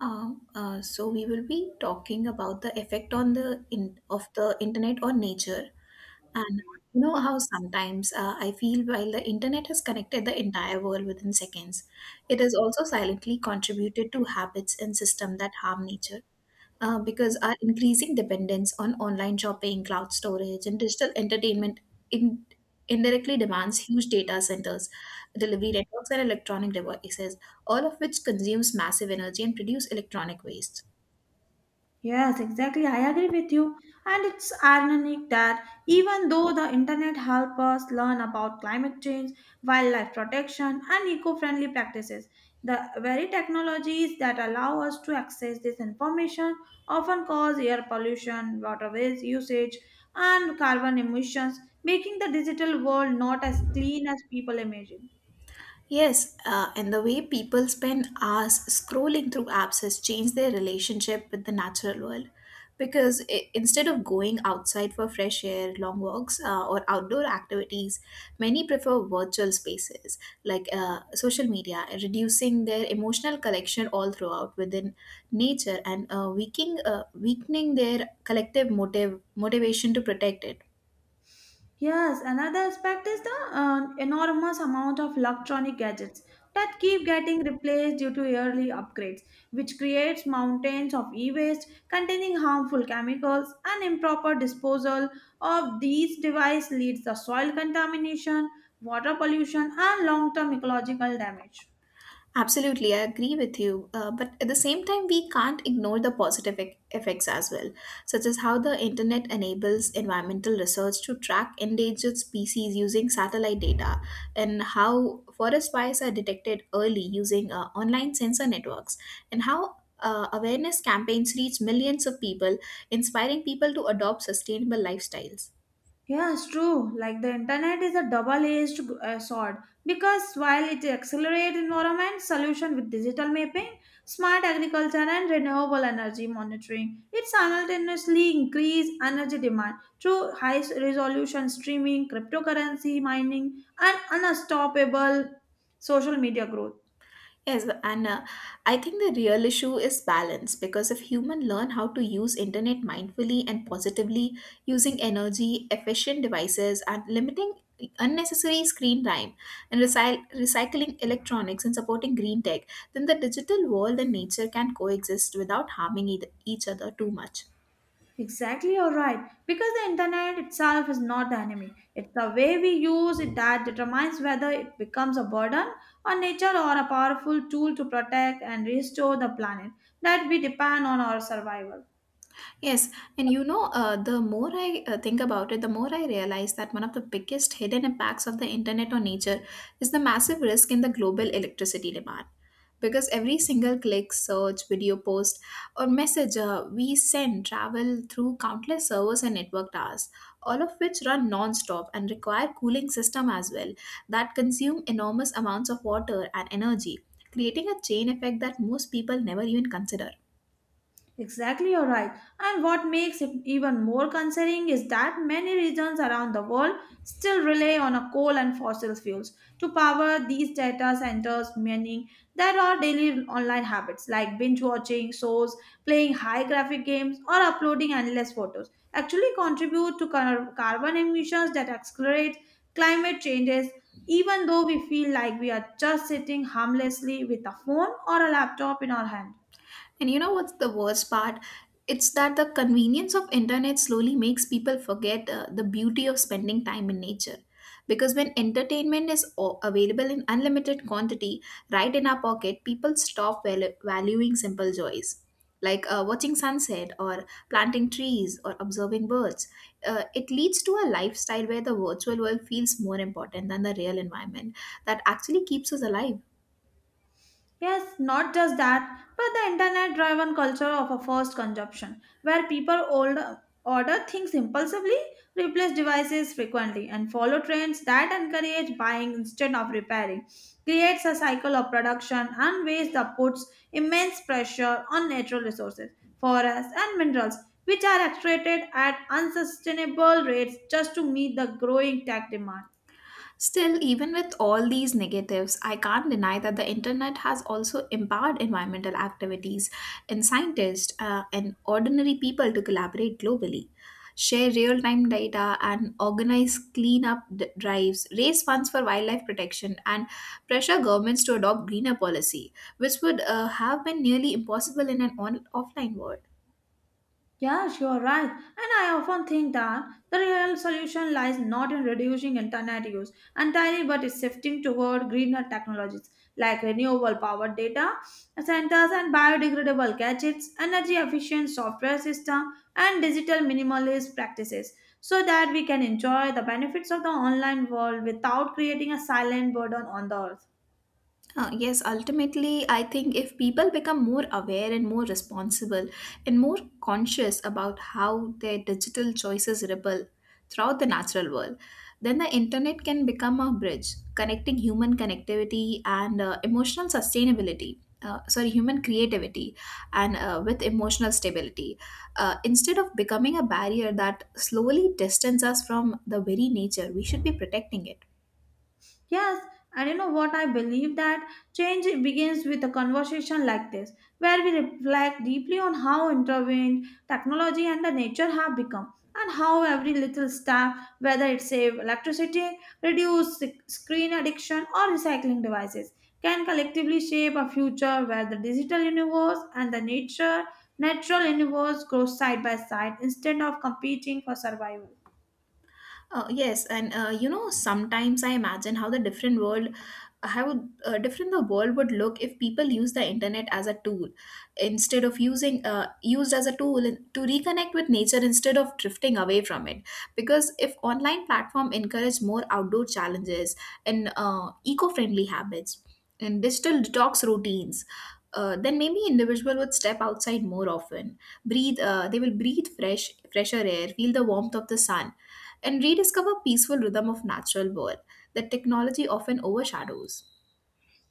So we will be talking about the effect on the of the internet on nature, and you know how sometimes I feel while the internet has connected the entire world within seconds, it has also silently contributed to habits and system that harm nature because our increasing dependence on online shopping, cloud storage, and digital entertainment in, indirectly demands huge data centers, delivery networks, and electronic devices, all of which consumes massive energy and produce electronic waste. Yes, exactly. I agree with you. And it's ironic that even though the internet helps us learn about climate change, wildlife protection, and eco friendly practices, the very technologies that allow us to access this information often cause air pollution, water waste usage, and carbon emissions, making the digital world not as clean as people imagine. Yes, and the way people spend hours scrolling through apps has changed their relationship with the natural world. Because I instead of going outside for fresh air, long walks, or outdoor activities, many prefer virtual spaces like social media, reducing their emotional connection all throughout within nature and weakening their collective motive motivation to protect it. Yes, another aspect is the enormous amount of electronic gadgets that keep getting replaced due to yearly upgrades, which creates mountains of e-waste containing harmful chemicals and improper disposal of these devices leads to soil contamination, water pollution, and long-term ecological damage. Absolutely, I agree with you. But at the same time, we can't ignore the positive effects as well, such as how the internet enables environmental research to track endangered species using satellite data, and how forest fires are detected early using online sensor networks, and how awareness campaigns reach millions of people, inspiring people to adopt sustainable lifestyles. Yeah, it's true. Like the internet is a double-edged sword because while it accelerates environment solution with digital mapping, smart agriculture, and renewable energy monitoring, it simultaneously increase energy demand through high-resolution streaming, cryptocurrency mining, and unstoppable social media growth. Yes, and I think the real issue is balance because if humans learn how to use internet mindfully and positively, using energy efficient devices and limiting unnecessary screen time and recycling electronics and supporting green tech, then the digital world and nature can coexist without harming each other too much. Exactly, you're right. Because the internet itself is not the enemy. It's the way we use it that determines whether it becomes a burden on nature or a powerful tool to protect and restore the planet that we depend on our survival. Yes, and you know, the more I think about it, the more I realize that one of the biggest hidden impacts of the internet on nature is the massive risk in the global electricity demand. Because every single click, search, video post, or message we send travel through countless servers and network towers, all of which run non-stop and require cooling system as well that consume enormous amounts of water and energy, creating a chain effect that most people never even consider. Exactly, you're right. And what makes it even more concerning is that many regions around the world still rely on a coal and fossil fuels to power these data centers, meaning that our daily online habits like binge watching shows, playing high graphic games, or uploading endless photos actually contribute to carbon emissions that accelerate climate changes, even though we feel like we are just sitting harmlessly with a phone or a laptop in our hand. And you know what's the worst part? It's that the convenience of internet slowly makes people forget the beauty of spending time in nature. Because when entertainment is available in unlimited quantity, right in our pocket, people stop valuing simple joys. Like watching sunset or planting trees or observing birds. It leads to a lifestyle where the virtual world feels more important than the real environment that actually keeps us alive. Yes, not just that, but the internet driven culture of a fast consumption, where people order things impulsively, replace devices frequently, and follow trends that encourage buying instead of repairing, creates a cycle of production and waste that puts immense pressure on natural resources, forests, and minerals, which are extracted at unsustainable rates just to meet the growing tech demand. Still, even with all these negatives, I can't deny that the internet has also empowered environmental activities and scientists and ordinary people to collaborate globally, share real time data, and organize cleanup drives, raise funds for wildlife protection, and pressure governments to adopt greener policy, which would have been nearly impossible in an offline world. Yes, you are right. And I often think that the real solution lies not in reducing internet use entirely but is shifting toward greener technologies like renewable power data centers and biodegradable gadgets, energy efficient software system and digital minimalist practices so that we can enjoy the benefits of the online world without creating a silent burden on the earth. Yes, ultimately, I think if people become more aware and more responsible and more conscious about how their digital choices ripple throughout the natural world, then the internet can become a bridge connecting human connectivity and emotional sustainability. Sorry, human creativity and with emotional stability, instead of becoming a barrier that slowly distances us from the very nature we should be protecting it. Yes, and you know what? I believe that change begins with a conversation like this, where we reflect deeply on how intervened technology and the nature have become, and how every little step, whether it save electricity, reduce screen addiction, or recycling devices, can collectively shape a future where the digital universe and the nature natural universe grow side by side instead of competing for survival. Yes, and you know, sometimes I imagine how different the world would look if people use the internet as a tool instead of using used as a tool to reconnect with nature instead of drifting away from it. Because if online platform encourage more outdoor challenges and eco-friendly habits and digital detox routines. Then maybe individual would step outside more often, breathe they will breathe fresher air, feel the warmth of the sun, and rediscover peaceful rhythm of natural world that technology often overshadows.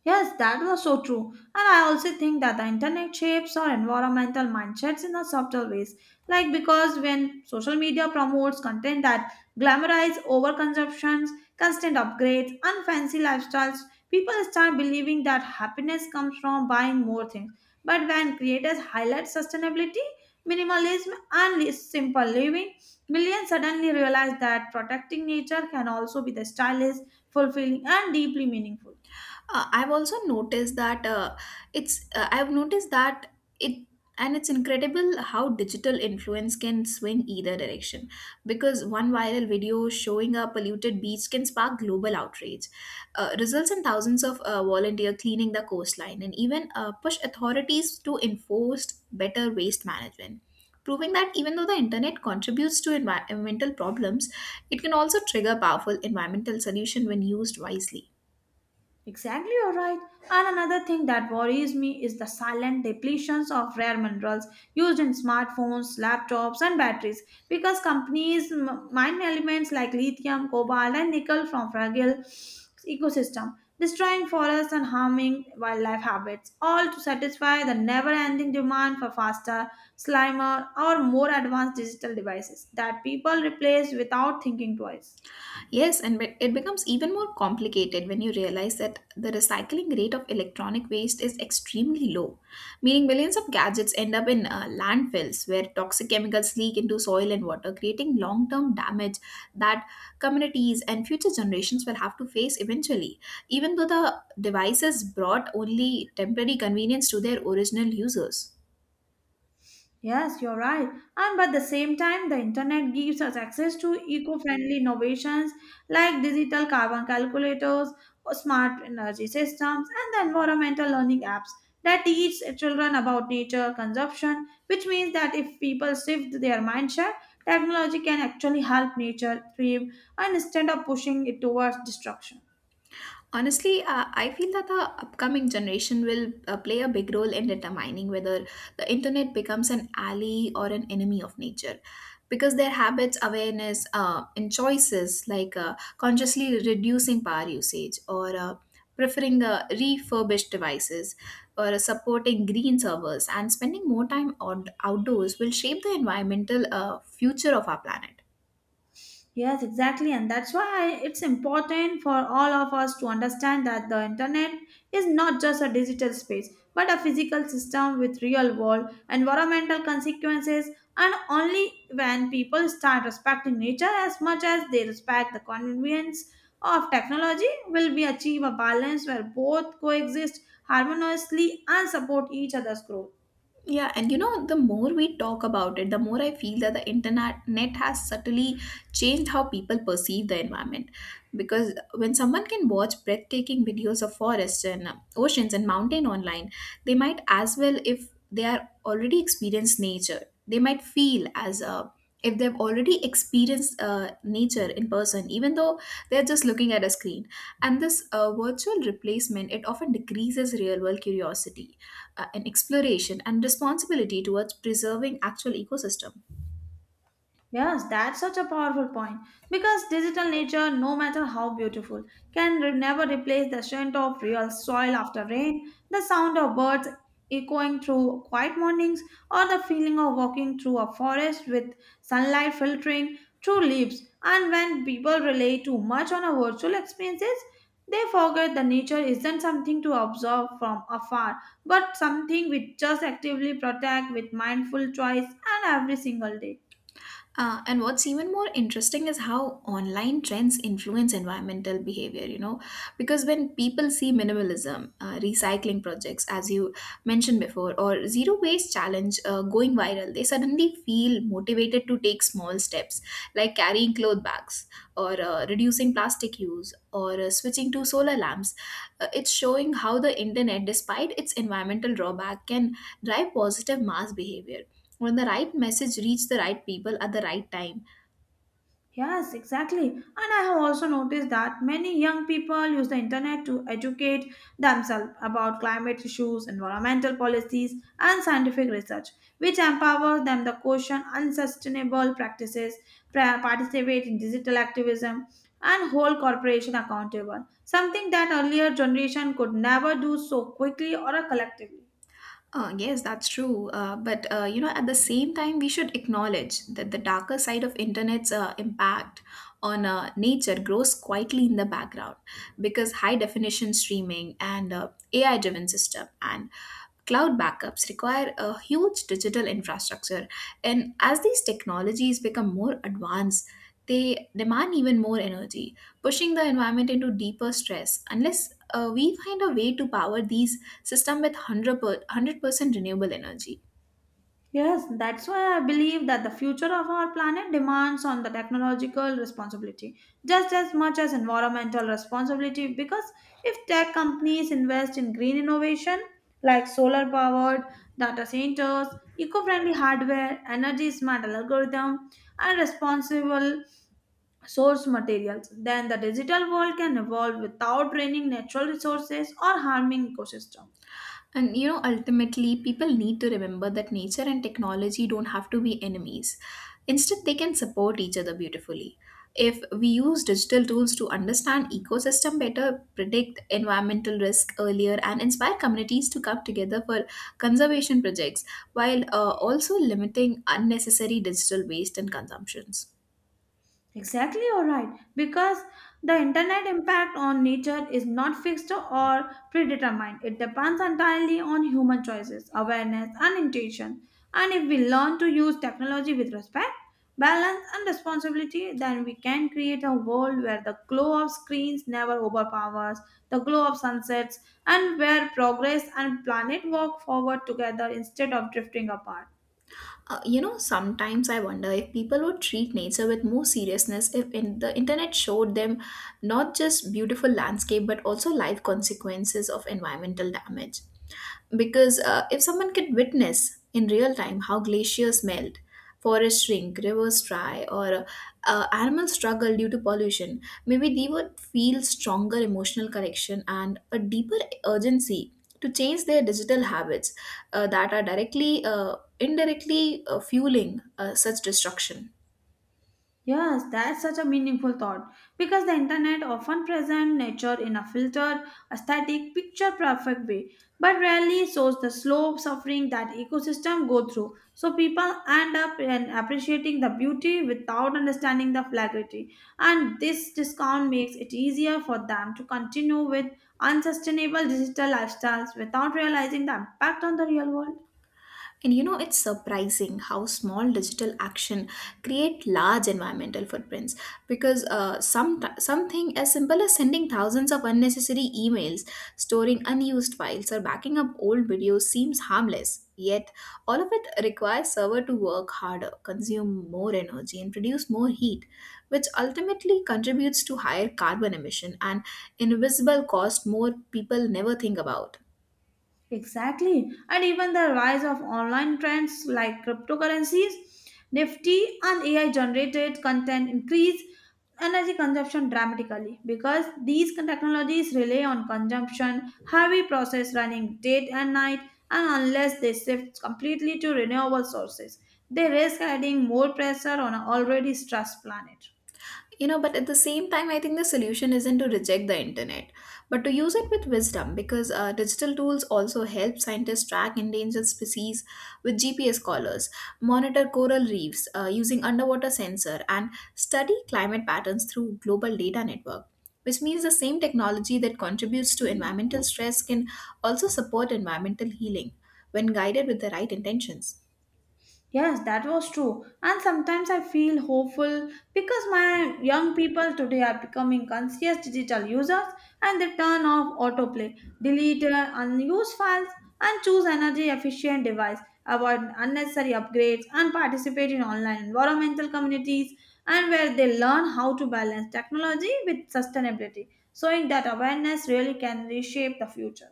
Yes, that was so true. And I also think that the internet shapes our environmental mindsets in a subtle ways. Like because when social media promotes content that glamorize overconsumptions, constant upgrades, and fancy lifestyles, people start believing that happiness comes from buying more things. But when creators highlight sustainability, minimalism, and simple living, millions suddenly realize that protecting nature can also be the stylish, fulfilling, and deeply meaningful. I've also noticed that it's I've noticed that it and it's incredible how digital influence can swing either direction because one viral video showing a polluted beach can spark global outrage, results in thousands of volunteer cleaning the coastline and even push authorities to enforce better waste management, proving that even though the internet contributes to environmental problems, it can also trigger powerful environmental solution when used wisely. Exactly, you're right. And another thing that worries me is the silent depletions of rare minerals used in smartphones, laptops, and batteries because companies mine elements like lithium, cobalt, and nickel from fragile ecosystem, destroying forests and harming wildlife habits, all to satisfy the never-ending demand for faster, slimmer, or more advanced digital devices that people replace without thinking twice. Yes, and it becomes even more complicated when you realize that the recycling rate of electronic waste is extremely low, meaning millions of gadgets end up in landfills where toxic chemicals leak into soil and water, creating long term damage that communities and future generations will have to face eventually. Even though the devices brought only temporary convenience to their original users. Yes, you're right. And but at the same time, the internet gives us access to eco-friendly innovations like digital carbon calculators, or smart energy systems, and the environmental learning apps that teach children about nature consumption, which means that if people shift their mindset, technology can actually help nature thrive and instead of pushing it towards destruction. Honestly, I feel that the upcoming generation will play a big role in determining whether the internet becomes an ally or an enemy of nature. Because their habits, awareness, and choices like consciously reducing power usage or preferring the refurbished devices or supporting green servers and spending more time on outdoors will shape the environmental future of our planet. Yes, exactly. And that's why it's important for all of us to understand that the internet is not just a digital space, but a physical system with real world environmental consequences. And only when people start respecting nature as much as they respect the convenience of technology, will we achieve a balance where both coexist harmoniously and support each other's growth. Yeah, and you know, the more we talk about it, the more I feel that the internet net has subtly changed how people perceive the environment. Because when someone can watch breathtaking videos of forests and oceans and mountain online, they might as well, if they are already experienced nature, they might feel as if they've already experienced nature in person, even though they're just looking at a screen. And this virtual replacement, it often decreases real world curiosity, an exploration and responsibility towards preserving actual ecosystem. Yes, that's such a powerful point. Because digital nature, no matter how beautiful, can never replace the scent of real soil after rain, the sound of birds echoing through quiet mornings, or the feeling of walking through a forest with sunlight filtering through leaves. And when people rely too much on our virtual experiences, they forget that nature isn't something to observe from afar, but something we just actively protect with mindful choice and every single day. And what's even more interesting is how online trends influence environmental behavior, you know, because when people see minimalism, recycling projects, as you mentioned before, or zero waste challenge going viral, they suddenly feel motivated to take small steps like carrying cloth bags or reducing plastic use or switching to solar lamps. It's showing how the internet, despite its environmental drawback, can drive positive mass behavior when the right message reach the right people at the right time. Yes, exactly. And I have also noticed that many young people use the internet to educate themselves about climate issues, environmental policies, and scientific research, which empowers them to question unsustainable practices, participate in digital activism, and hold corporation accountable, something that earlier generation could never do so quickly or collectively. Yes, that's true, but you know, at the same time we should acknowledge that the darker side of internet's impact on nature grows quietly in the background because high definition streaming and AI driven system and Cloud backups require a huge digital infrastructure, and as these technologies become more advanced, they demand even more energy, pushing the environment into deeper stress. Unless we find a way to power these systems with 100% renewable energy. Yes, that's why I believe that the future of our planet demands on the technological responsibility just as much as environmental responsibility because if tech companies invest in green innovation like solar powered data centers, eco-friendly hardware, energy smart algorithm and responsible source materials, then the digital world can evolve without draining natural resources or harming ecosystem. And you know, ultimately, people need to remember that nature and technology don't have to be enemies. Instead, they can support each other beautifully. If we use digital tools to understand ecosystem better, predict environmental risk earlier, and inspire communities to come together for conservation projects, while also limiting unnecessary digital waste and consumptions. Exactly, all right. Because the internet impact on nature is not fixed or predetermined. It depends entirely on human choices, awareness, and intention. And if we learn to use technology with respect, balance, and responsibility, then we can create a world where the glow of screens never overpowers the glow of sunsets, and where progress and planet walk forward together instead of drifting apart. You know, sometimes I wonder if people would treat nature with more seriousness if in the internet showed them not just beautiful landscape but also life consequences of environmental damage, because if someone could witness in real time how glaciers melt, forests shrink, rivers dry, or animals struggle due to pollution, maybe they would feel stronger emotional connection and a deeper urgency to change their digital habits that are directly indirectly fueling such destruction. Yes, that's such a meaningful thought because the internet often presents nature in a filtered, aesthetic, picture perfect way, but rarely shows the slow suffering that ecosystem go through. So people end up in appreciating the beauty without understanding the flagrity, and this discount makes it easier for them to continue with unsustainable digital lifestyles without realizing the impact on the real world. And you know, it's surprising how small digital action create large environmental footprints because something as simple as sending thousands of unnecessary emails, storing unused files, or backing up old videos seems harmless. Yet, all of it requires server to work harder, consume more energy, and produce more heat, which ultimately contributes to higher carbon emission and invisible cost more people never think about. Exactly. And even the rise of online trends like cryptocurrencies, Nifty, and AI generated content increase energy consumption dramatically because these technologies rely on consumption, heavy process running day and night, and unless they shift completely to renewable sources, they risk adding more pressure on an already stressed planet. You know, but at the same time, I think the solution isn't to reject the internet, but to use it with wisdom because digital tools also help scientists track endangered species with GPS collars, monitor coral reefs using underwater sensor, and study climate patterns through global data network. Which means the same technology that contributes to environmental stress can also support environmental healing when guided with the right intentions. Yes, that was true. And sometimes I feel hopeful because my young people today are becoming conscious digital users and they turn off autoplay, delete unused files, and choose energy efficient device, avoid unnecessary upgrades, and participate in online environmental communities and where they learn how to balance technology with sustainability. So, in that awareness really can reshape the future.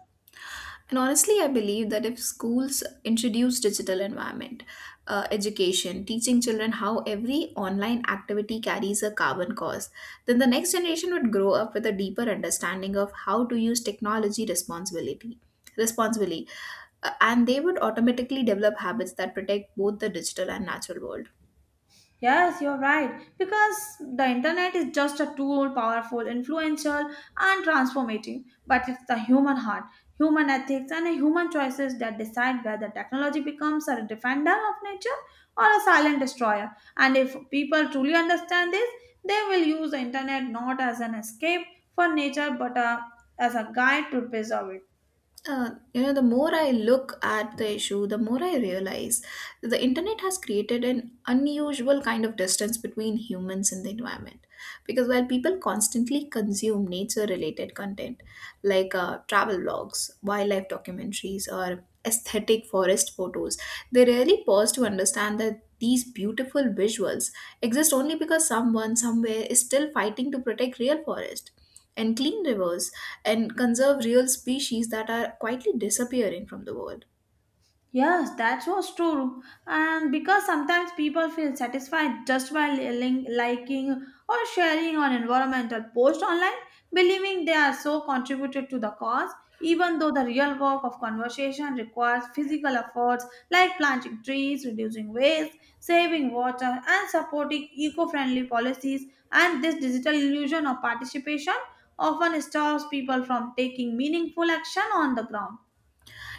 And honestly, I believe that if schools introduce digital environment education, teaching children how every online activity carries a carbon cost, then the next generation would grow up with a deeper understanding of how to use technology responsibly, and they would automatically develop habits that protect both the digital and natural world. Yes, you're right. Because the internet is just a tool, powerful, influential, and transformative. But it's the human heart, human ethics, and human choices that decide whether technology becomes a defender of nature or a silent destroyer. And if people truly understand this, they will use the internet not as an escape for nature but as a guide to preserve it. The more I look at the issue, the more I realize that the internet has created an unusual kind of distance between humans and the environment, because while people constantly consume nature related content like travel blogs, wildlife documentaries, or aesthetic forest photos, they rarely pause to understand that these beautiful visuals exist only because someone somewhere is still fighting to protect real forest and clean rivers and conserve real species that are quietly disappearing from the world. Yes, that was true. And because sometimes people feel satisfied just by liking or sharing on environmental post online, believing they are so contributed to the cause, even though the real work of conversation requires physical efforts like planting trees, reducing waste, saving water, and supporting eco-friendly policies. And this digital illusion of participation often stops people from taking meaningful action on the ground.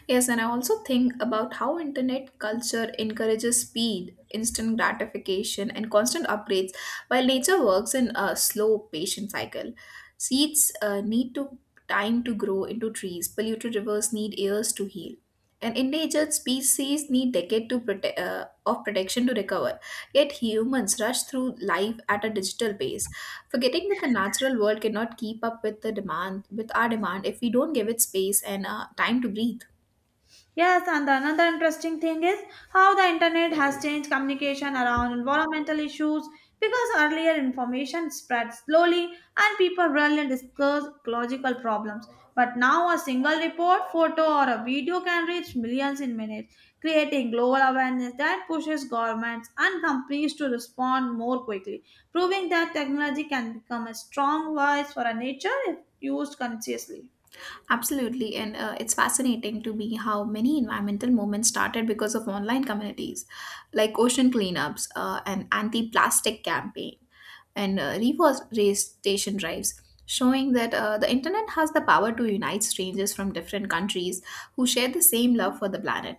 Yes, and I also think about how internet culture encourages speed, instant gratification, and constant upgrades, while nature works in a slow, patient cycle. Seeds need to time to grow into trees. Polluted rivers need years to heal, and endangered species need decades to of protection to recover. Yet humans rush through life at a digital pace, forgetting that the natural world cannot keep up with the demand with our demand if we don't give it space and time to breathe. Yes, and another interesting thing is how the internet has changed communication around environmental issues because earlier information spread slowly and people rarely discuss ecological problems. But now a single report, photo, or a video can reach millions in minutes, creating global awareness that pushes governments and companies to respond more quickly, proving that technology can become a strong voice for our nature if used consciously. Absolutely, and it's fascinating to me how many environmental movements started because of online communities, like ocean cleanups, an anti-plastic campaign, and reforestation drives, showing that the internet has the power to unite strangers from different countries who share the same love for the planet,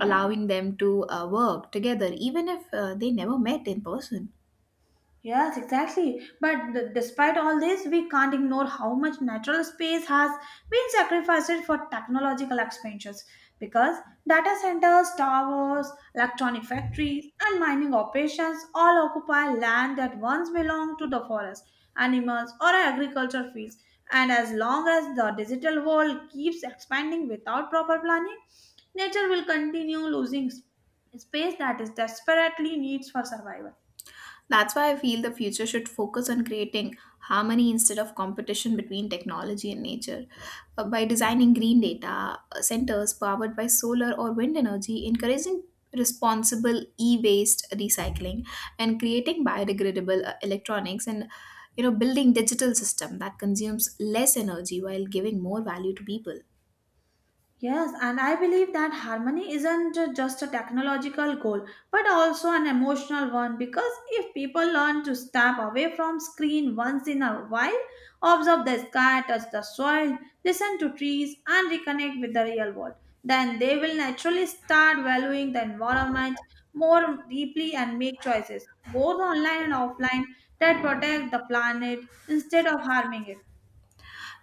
allowing them to work together even if they never met in person. Yes, exactly. But despite all this, we can't ignore how much natural space has been sacrificed for technological expansions because data centers, towers, electronic factories, and mining operations all occupy land that once belonged to the forest, animals, or agriculture fields. And as long as the digital world keeps expanding without proper planning, nature will continue losing space that is desperately needs for survival. That's why I feel the future should focus on creating harmony instead of competition between technology and nature. By designing green data centers powered by solar or wind energy, encouraging responsible e-waste recycling, and creating biodegradable electronics, and you know, building digital system that consumes less energy while giving more value to people. Yes, and I believe that harmony isn't just a technological goal, but also an emotional one because if people learn to step away from screen once in a while, observe the sky, touch the soil, listen to trees, and reconnect with the real world, then they will naturally start valuing the environment more deeply and make choices, both online and offline, that protect the planet instead of harming it.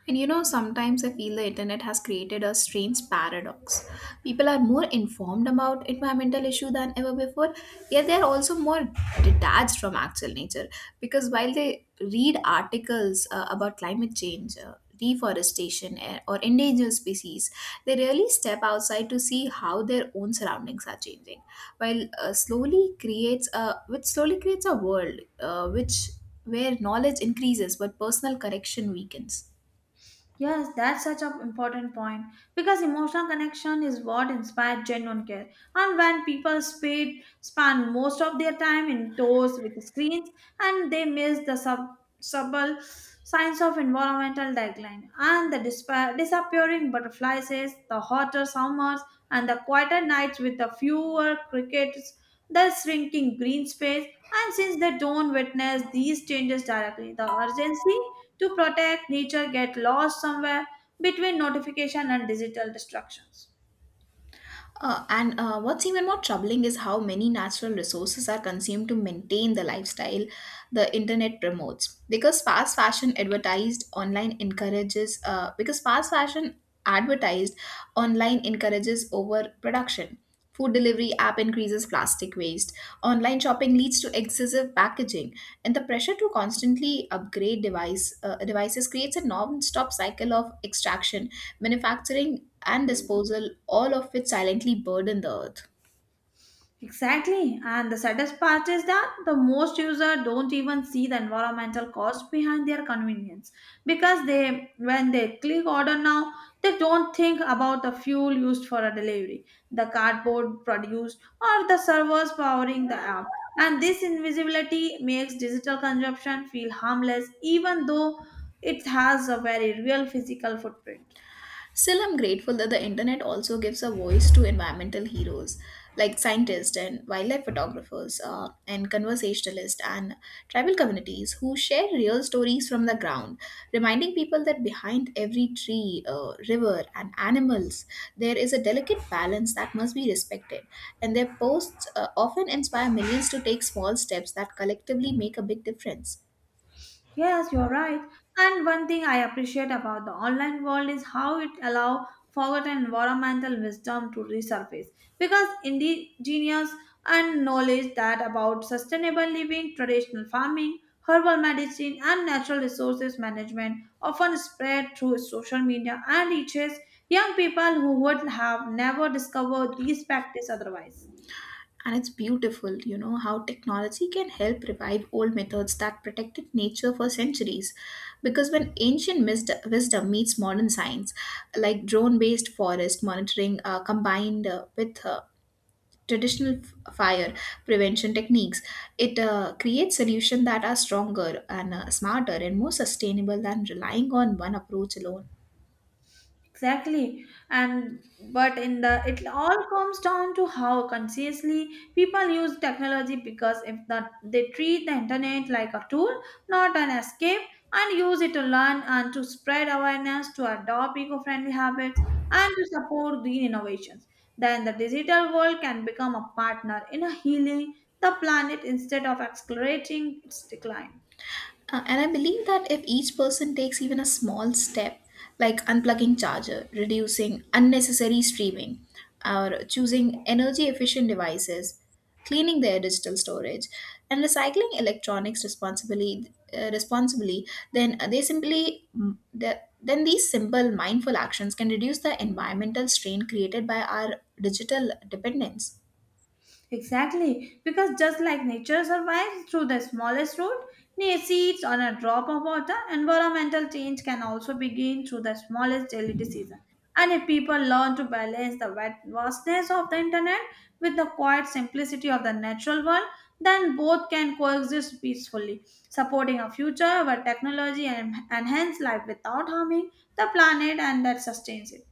And you know, sometimes I feel the internet has created a strange paradox. People are more informed about environmental issue than ever before, yet they are also more detached from actual nature. Because while they read articles about climate change, deforestation, or endangered species, they rarely step outside to see how their own surroundings are changing. While slowly creates a which slowly creates a world which where knowledge increases but personal correction weakens. Yes, that's such an important point because emotional connection is what inspired genuine care. And when people spend most of their time indoors with screens, and they miss the subtle signs of environmental decline and the disappearing butterflies, the hotter summers, and the quieter nights with the fewer crickets, the shrinking green space. And since they don't witness these changes directly, the urgency to protect nature get lost somewhere between notification and digital distractions. And What's even more troubling is how many natural resources are consumed to maintain the lifestyle the internet promotes. Because fast fashion advertised online encourages overproduction. Food delivery app increases plastic waste. Online shopping leads to excessive packaging, and the pressure to constantly upgrade devices creates a non-stop cycle of extraction, manufacturing, and disposal, all of which silently burden the earth. Exactly. And the saddest part is that the most users don't even see the environmental cost behind their convenience because they when they click order now, they don't think about the fuel used for a delivery, the cardboard produced, or the servers powering the app. And this invisibility makes digital consumption feel harmless even though it has a very real physical footprint. Still, I'm grateful that the internet also gives a voice to environmental heroes like scientists and wildlife photographers and conversationalists and tribal communities who share real stories from the ground, reminding people that behind every tree, river, and animals, there is a delicate balance that must be respected. And their posts often inspire millions to take small steps that collectively make a big difference. Yes, you're right. And one thing I appreciate about the online world is how it allows forgotten environmental wisdom to resurface. Because indigenous and knowledge that about sustainable living, traditional farming, herbal medicine, and natural resources management often spread through social media and reaches young people who would have never discovered these practices otherwise. And it's beautiful, you know, how technology can help revive old methods that protected nature for centuries. Because when ancient wisdom meets modern science, like drone based forest monitoring combined with traditional fire prevention techniques, it creates solutions that are stronger and smarter and more sustainable than relying on one approach alone. Exactly. And but in the it all comes down to how consciously people use technology because if the, they treat the internet like a tool, not an escape, and use it to learn and to spread awareness, to adopt eco-friendly habits, and to support green innovations, then the digital world can become a partner in a healing the planet instead of accelerating its decline. And I believe that if each person takes even a small step, like unplugging charger, reducing unnecessary streaming, or choosing energy efficient devices, cleaning their digital storage, and recycling electronics responsibly, responsibly, then they simply mm, the, then these simple mindful actions can reduce the environmental strain created by our digital dependence. Exactly, because just like nature survives through the smallest root, near seeds on a drop of water, environmental change can also begin through the smallest daily decision. And if people learn to balance the vastness of the internet with the quiet simplicity of the natural world, then both can coexist peacefully, supporting a future where technology enhance life without harming the planet and that sustains it.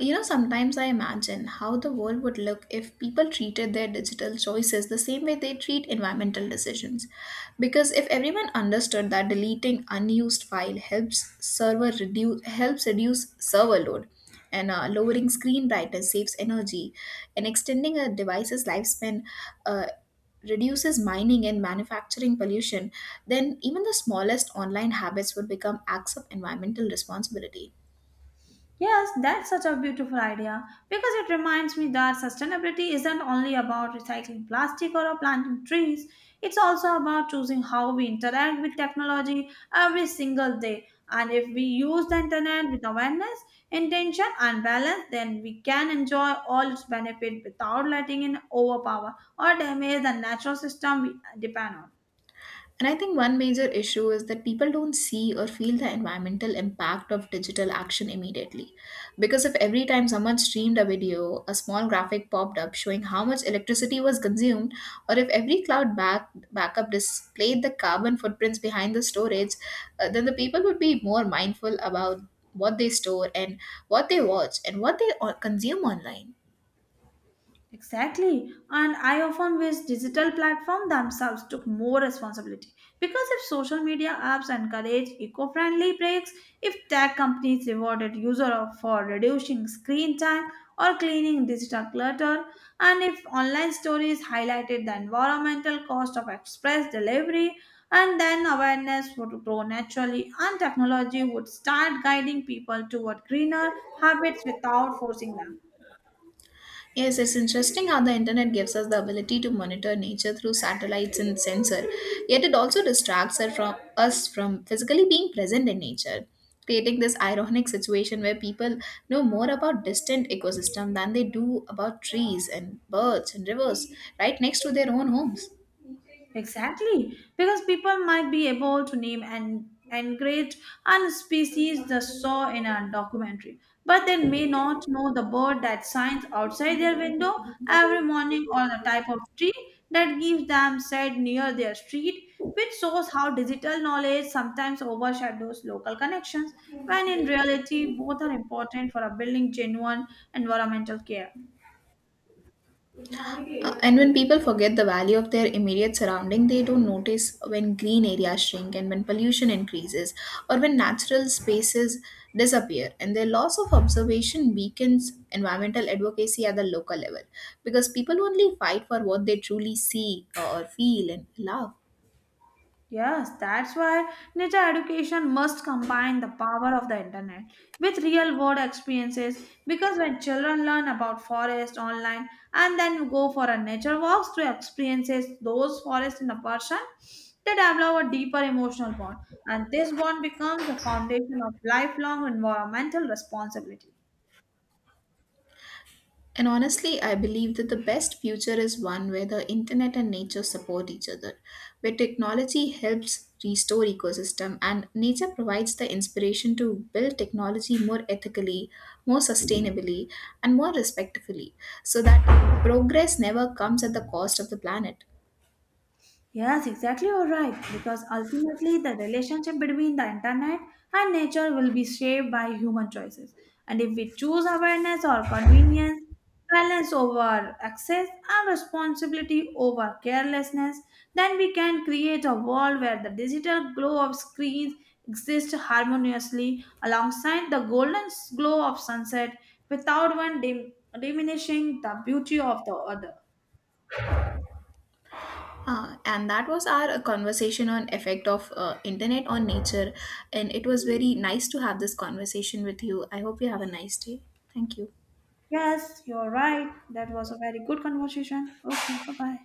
You know, sometimes I imagine how the world would look if people treated their digital choices the same way they treat environmental decisions. Because if everyone understood that deleting unused file helps reduce server load, and lowering screen brightness saves energy, and extending a device's lifespan uh, reduces mining and manufacturing pollution, then even the smallest online habits would become acts of environmental responsibility. Yes, that's such a beautiful idea because it reminds me that sustainability isn't only about recycling plastic or planting trees, it's also about choosing how we interact with technology every single day. And if we use the internet with awareness, intention, and balance, then we can enjoy all its benefit without letting it overpower or damage the natural system we depend on. And I think one major issue is that people don't see or feel the environmental impact of digital action immediately. Because if every time someone streamed a video, a small graphic popped up showing how much electricity was consumed, or if every backup displayed the carbon footprints behind the storage, then the people would be more mindful about what they store and what they watch and what they consume online. Exactly. And I often wish digital platforms themselves took more responsibility. Because if social media apps encourage eco friendly breaks, if tech companies rewarded users for reducing screen time or cleaning digital clutter, and if online stories highlighted the environmental cost of express delivery, and then awareness would grow naturally and technology would start guiding people toward greener habits without forcing them. Yes, it's interesting how the internet gives us the ability to monitor nature through satellites and sensor, yet it also distracts us from physically being present in nature, creating this ironic situation where people know more about distant ecosystem than they do about trees and birds and rivers right next to their own homes. Exactly, because people might be able to name and engrave and species they saw in a documentary, but they may not know the bird that shines outside their window every morning or the type of tree that gives them shade near their street, which shows how digital knowledge sometimes overshadows local connections, when in reality both are important for a building genuine environmental care. And when people forget the value of their immediate surrounding, they don't notice when green areas shrink and when pollution increases or when natural spaces disappear. And their loss of observation weakens environmental advocacy at the local level because people only fight for what they truly see or feel and love. Yes, that's why nature education must combine the power of the internet with real world experiences because when children learn about forest online and then go for a nature walks to experiences those forests in a person, they develop a deeper emotional bond and this bond becomes the foundation of lifelong environmental responsibility. And honestly, I believe that the best future is one where the internet and nature support each other, where technology helps restore ecosystem and nature provides the inspiration to build technology more ethically, more sustainably, and more respectfully, so that progress never comes at the cost of the planet. Yes, exactly, you're right. Because ultimately, the relationship between the internet and nature will be shaped by human choices. And if we choose awareness or convenience, balance over access, and responsibility over carelessness, then we can create a world where the digital glow of screens exists harmoniously alongside the golden glow of sunset without one diminishing the beauty of the other. Ah, and that was our conversation on effect of internet on nature, and it was very nice to have this conversation with you. I hope you have a nice day. Thank you. Yes, you're right. That was a very good conversation. Okay, bye bye.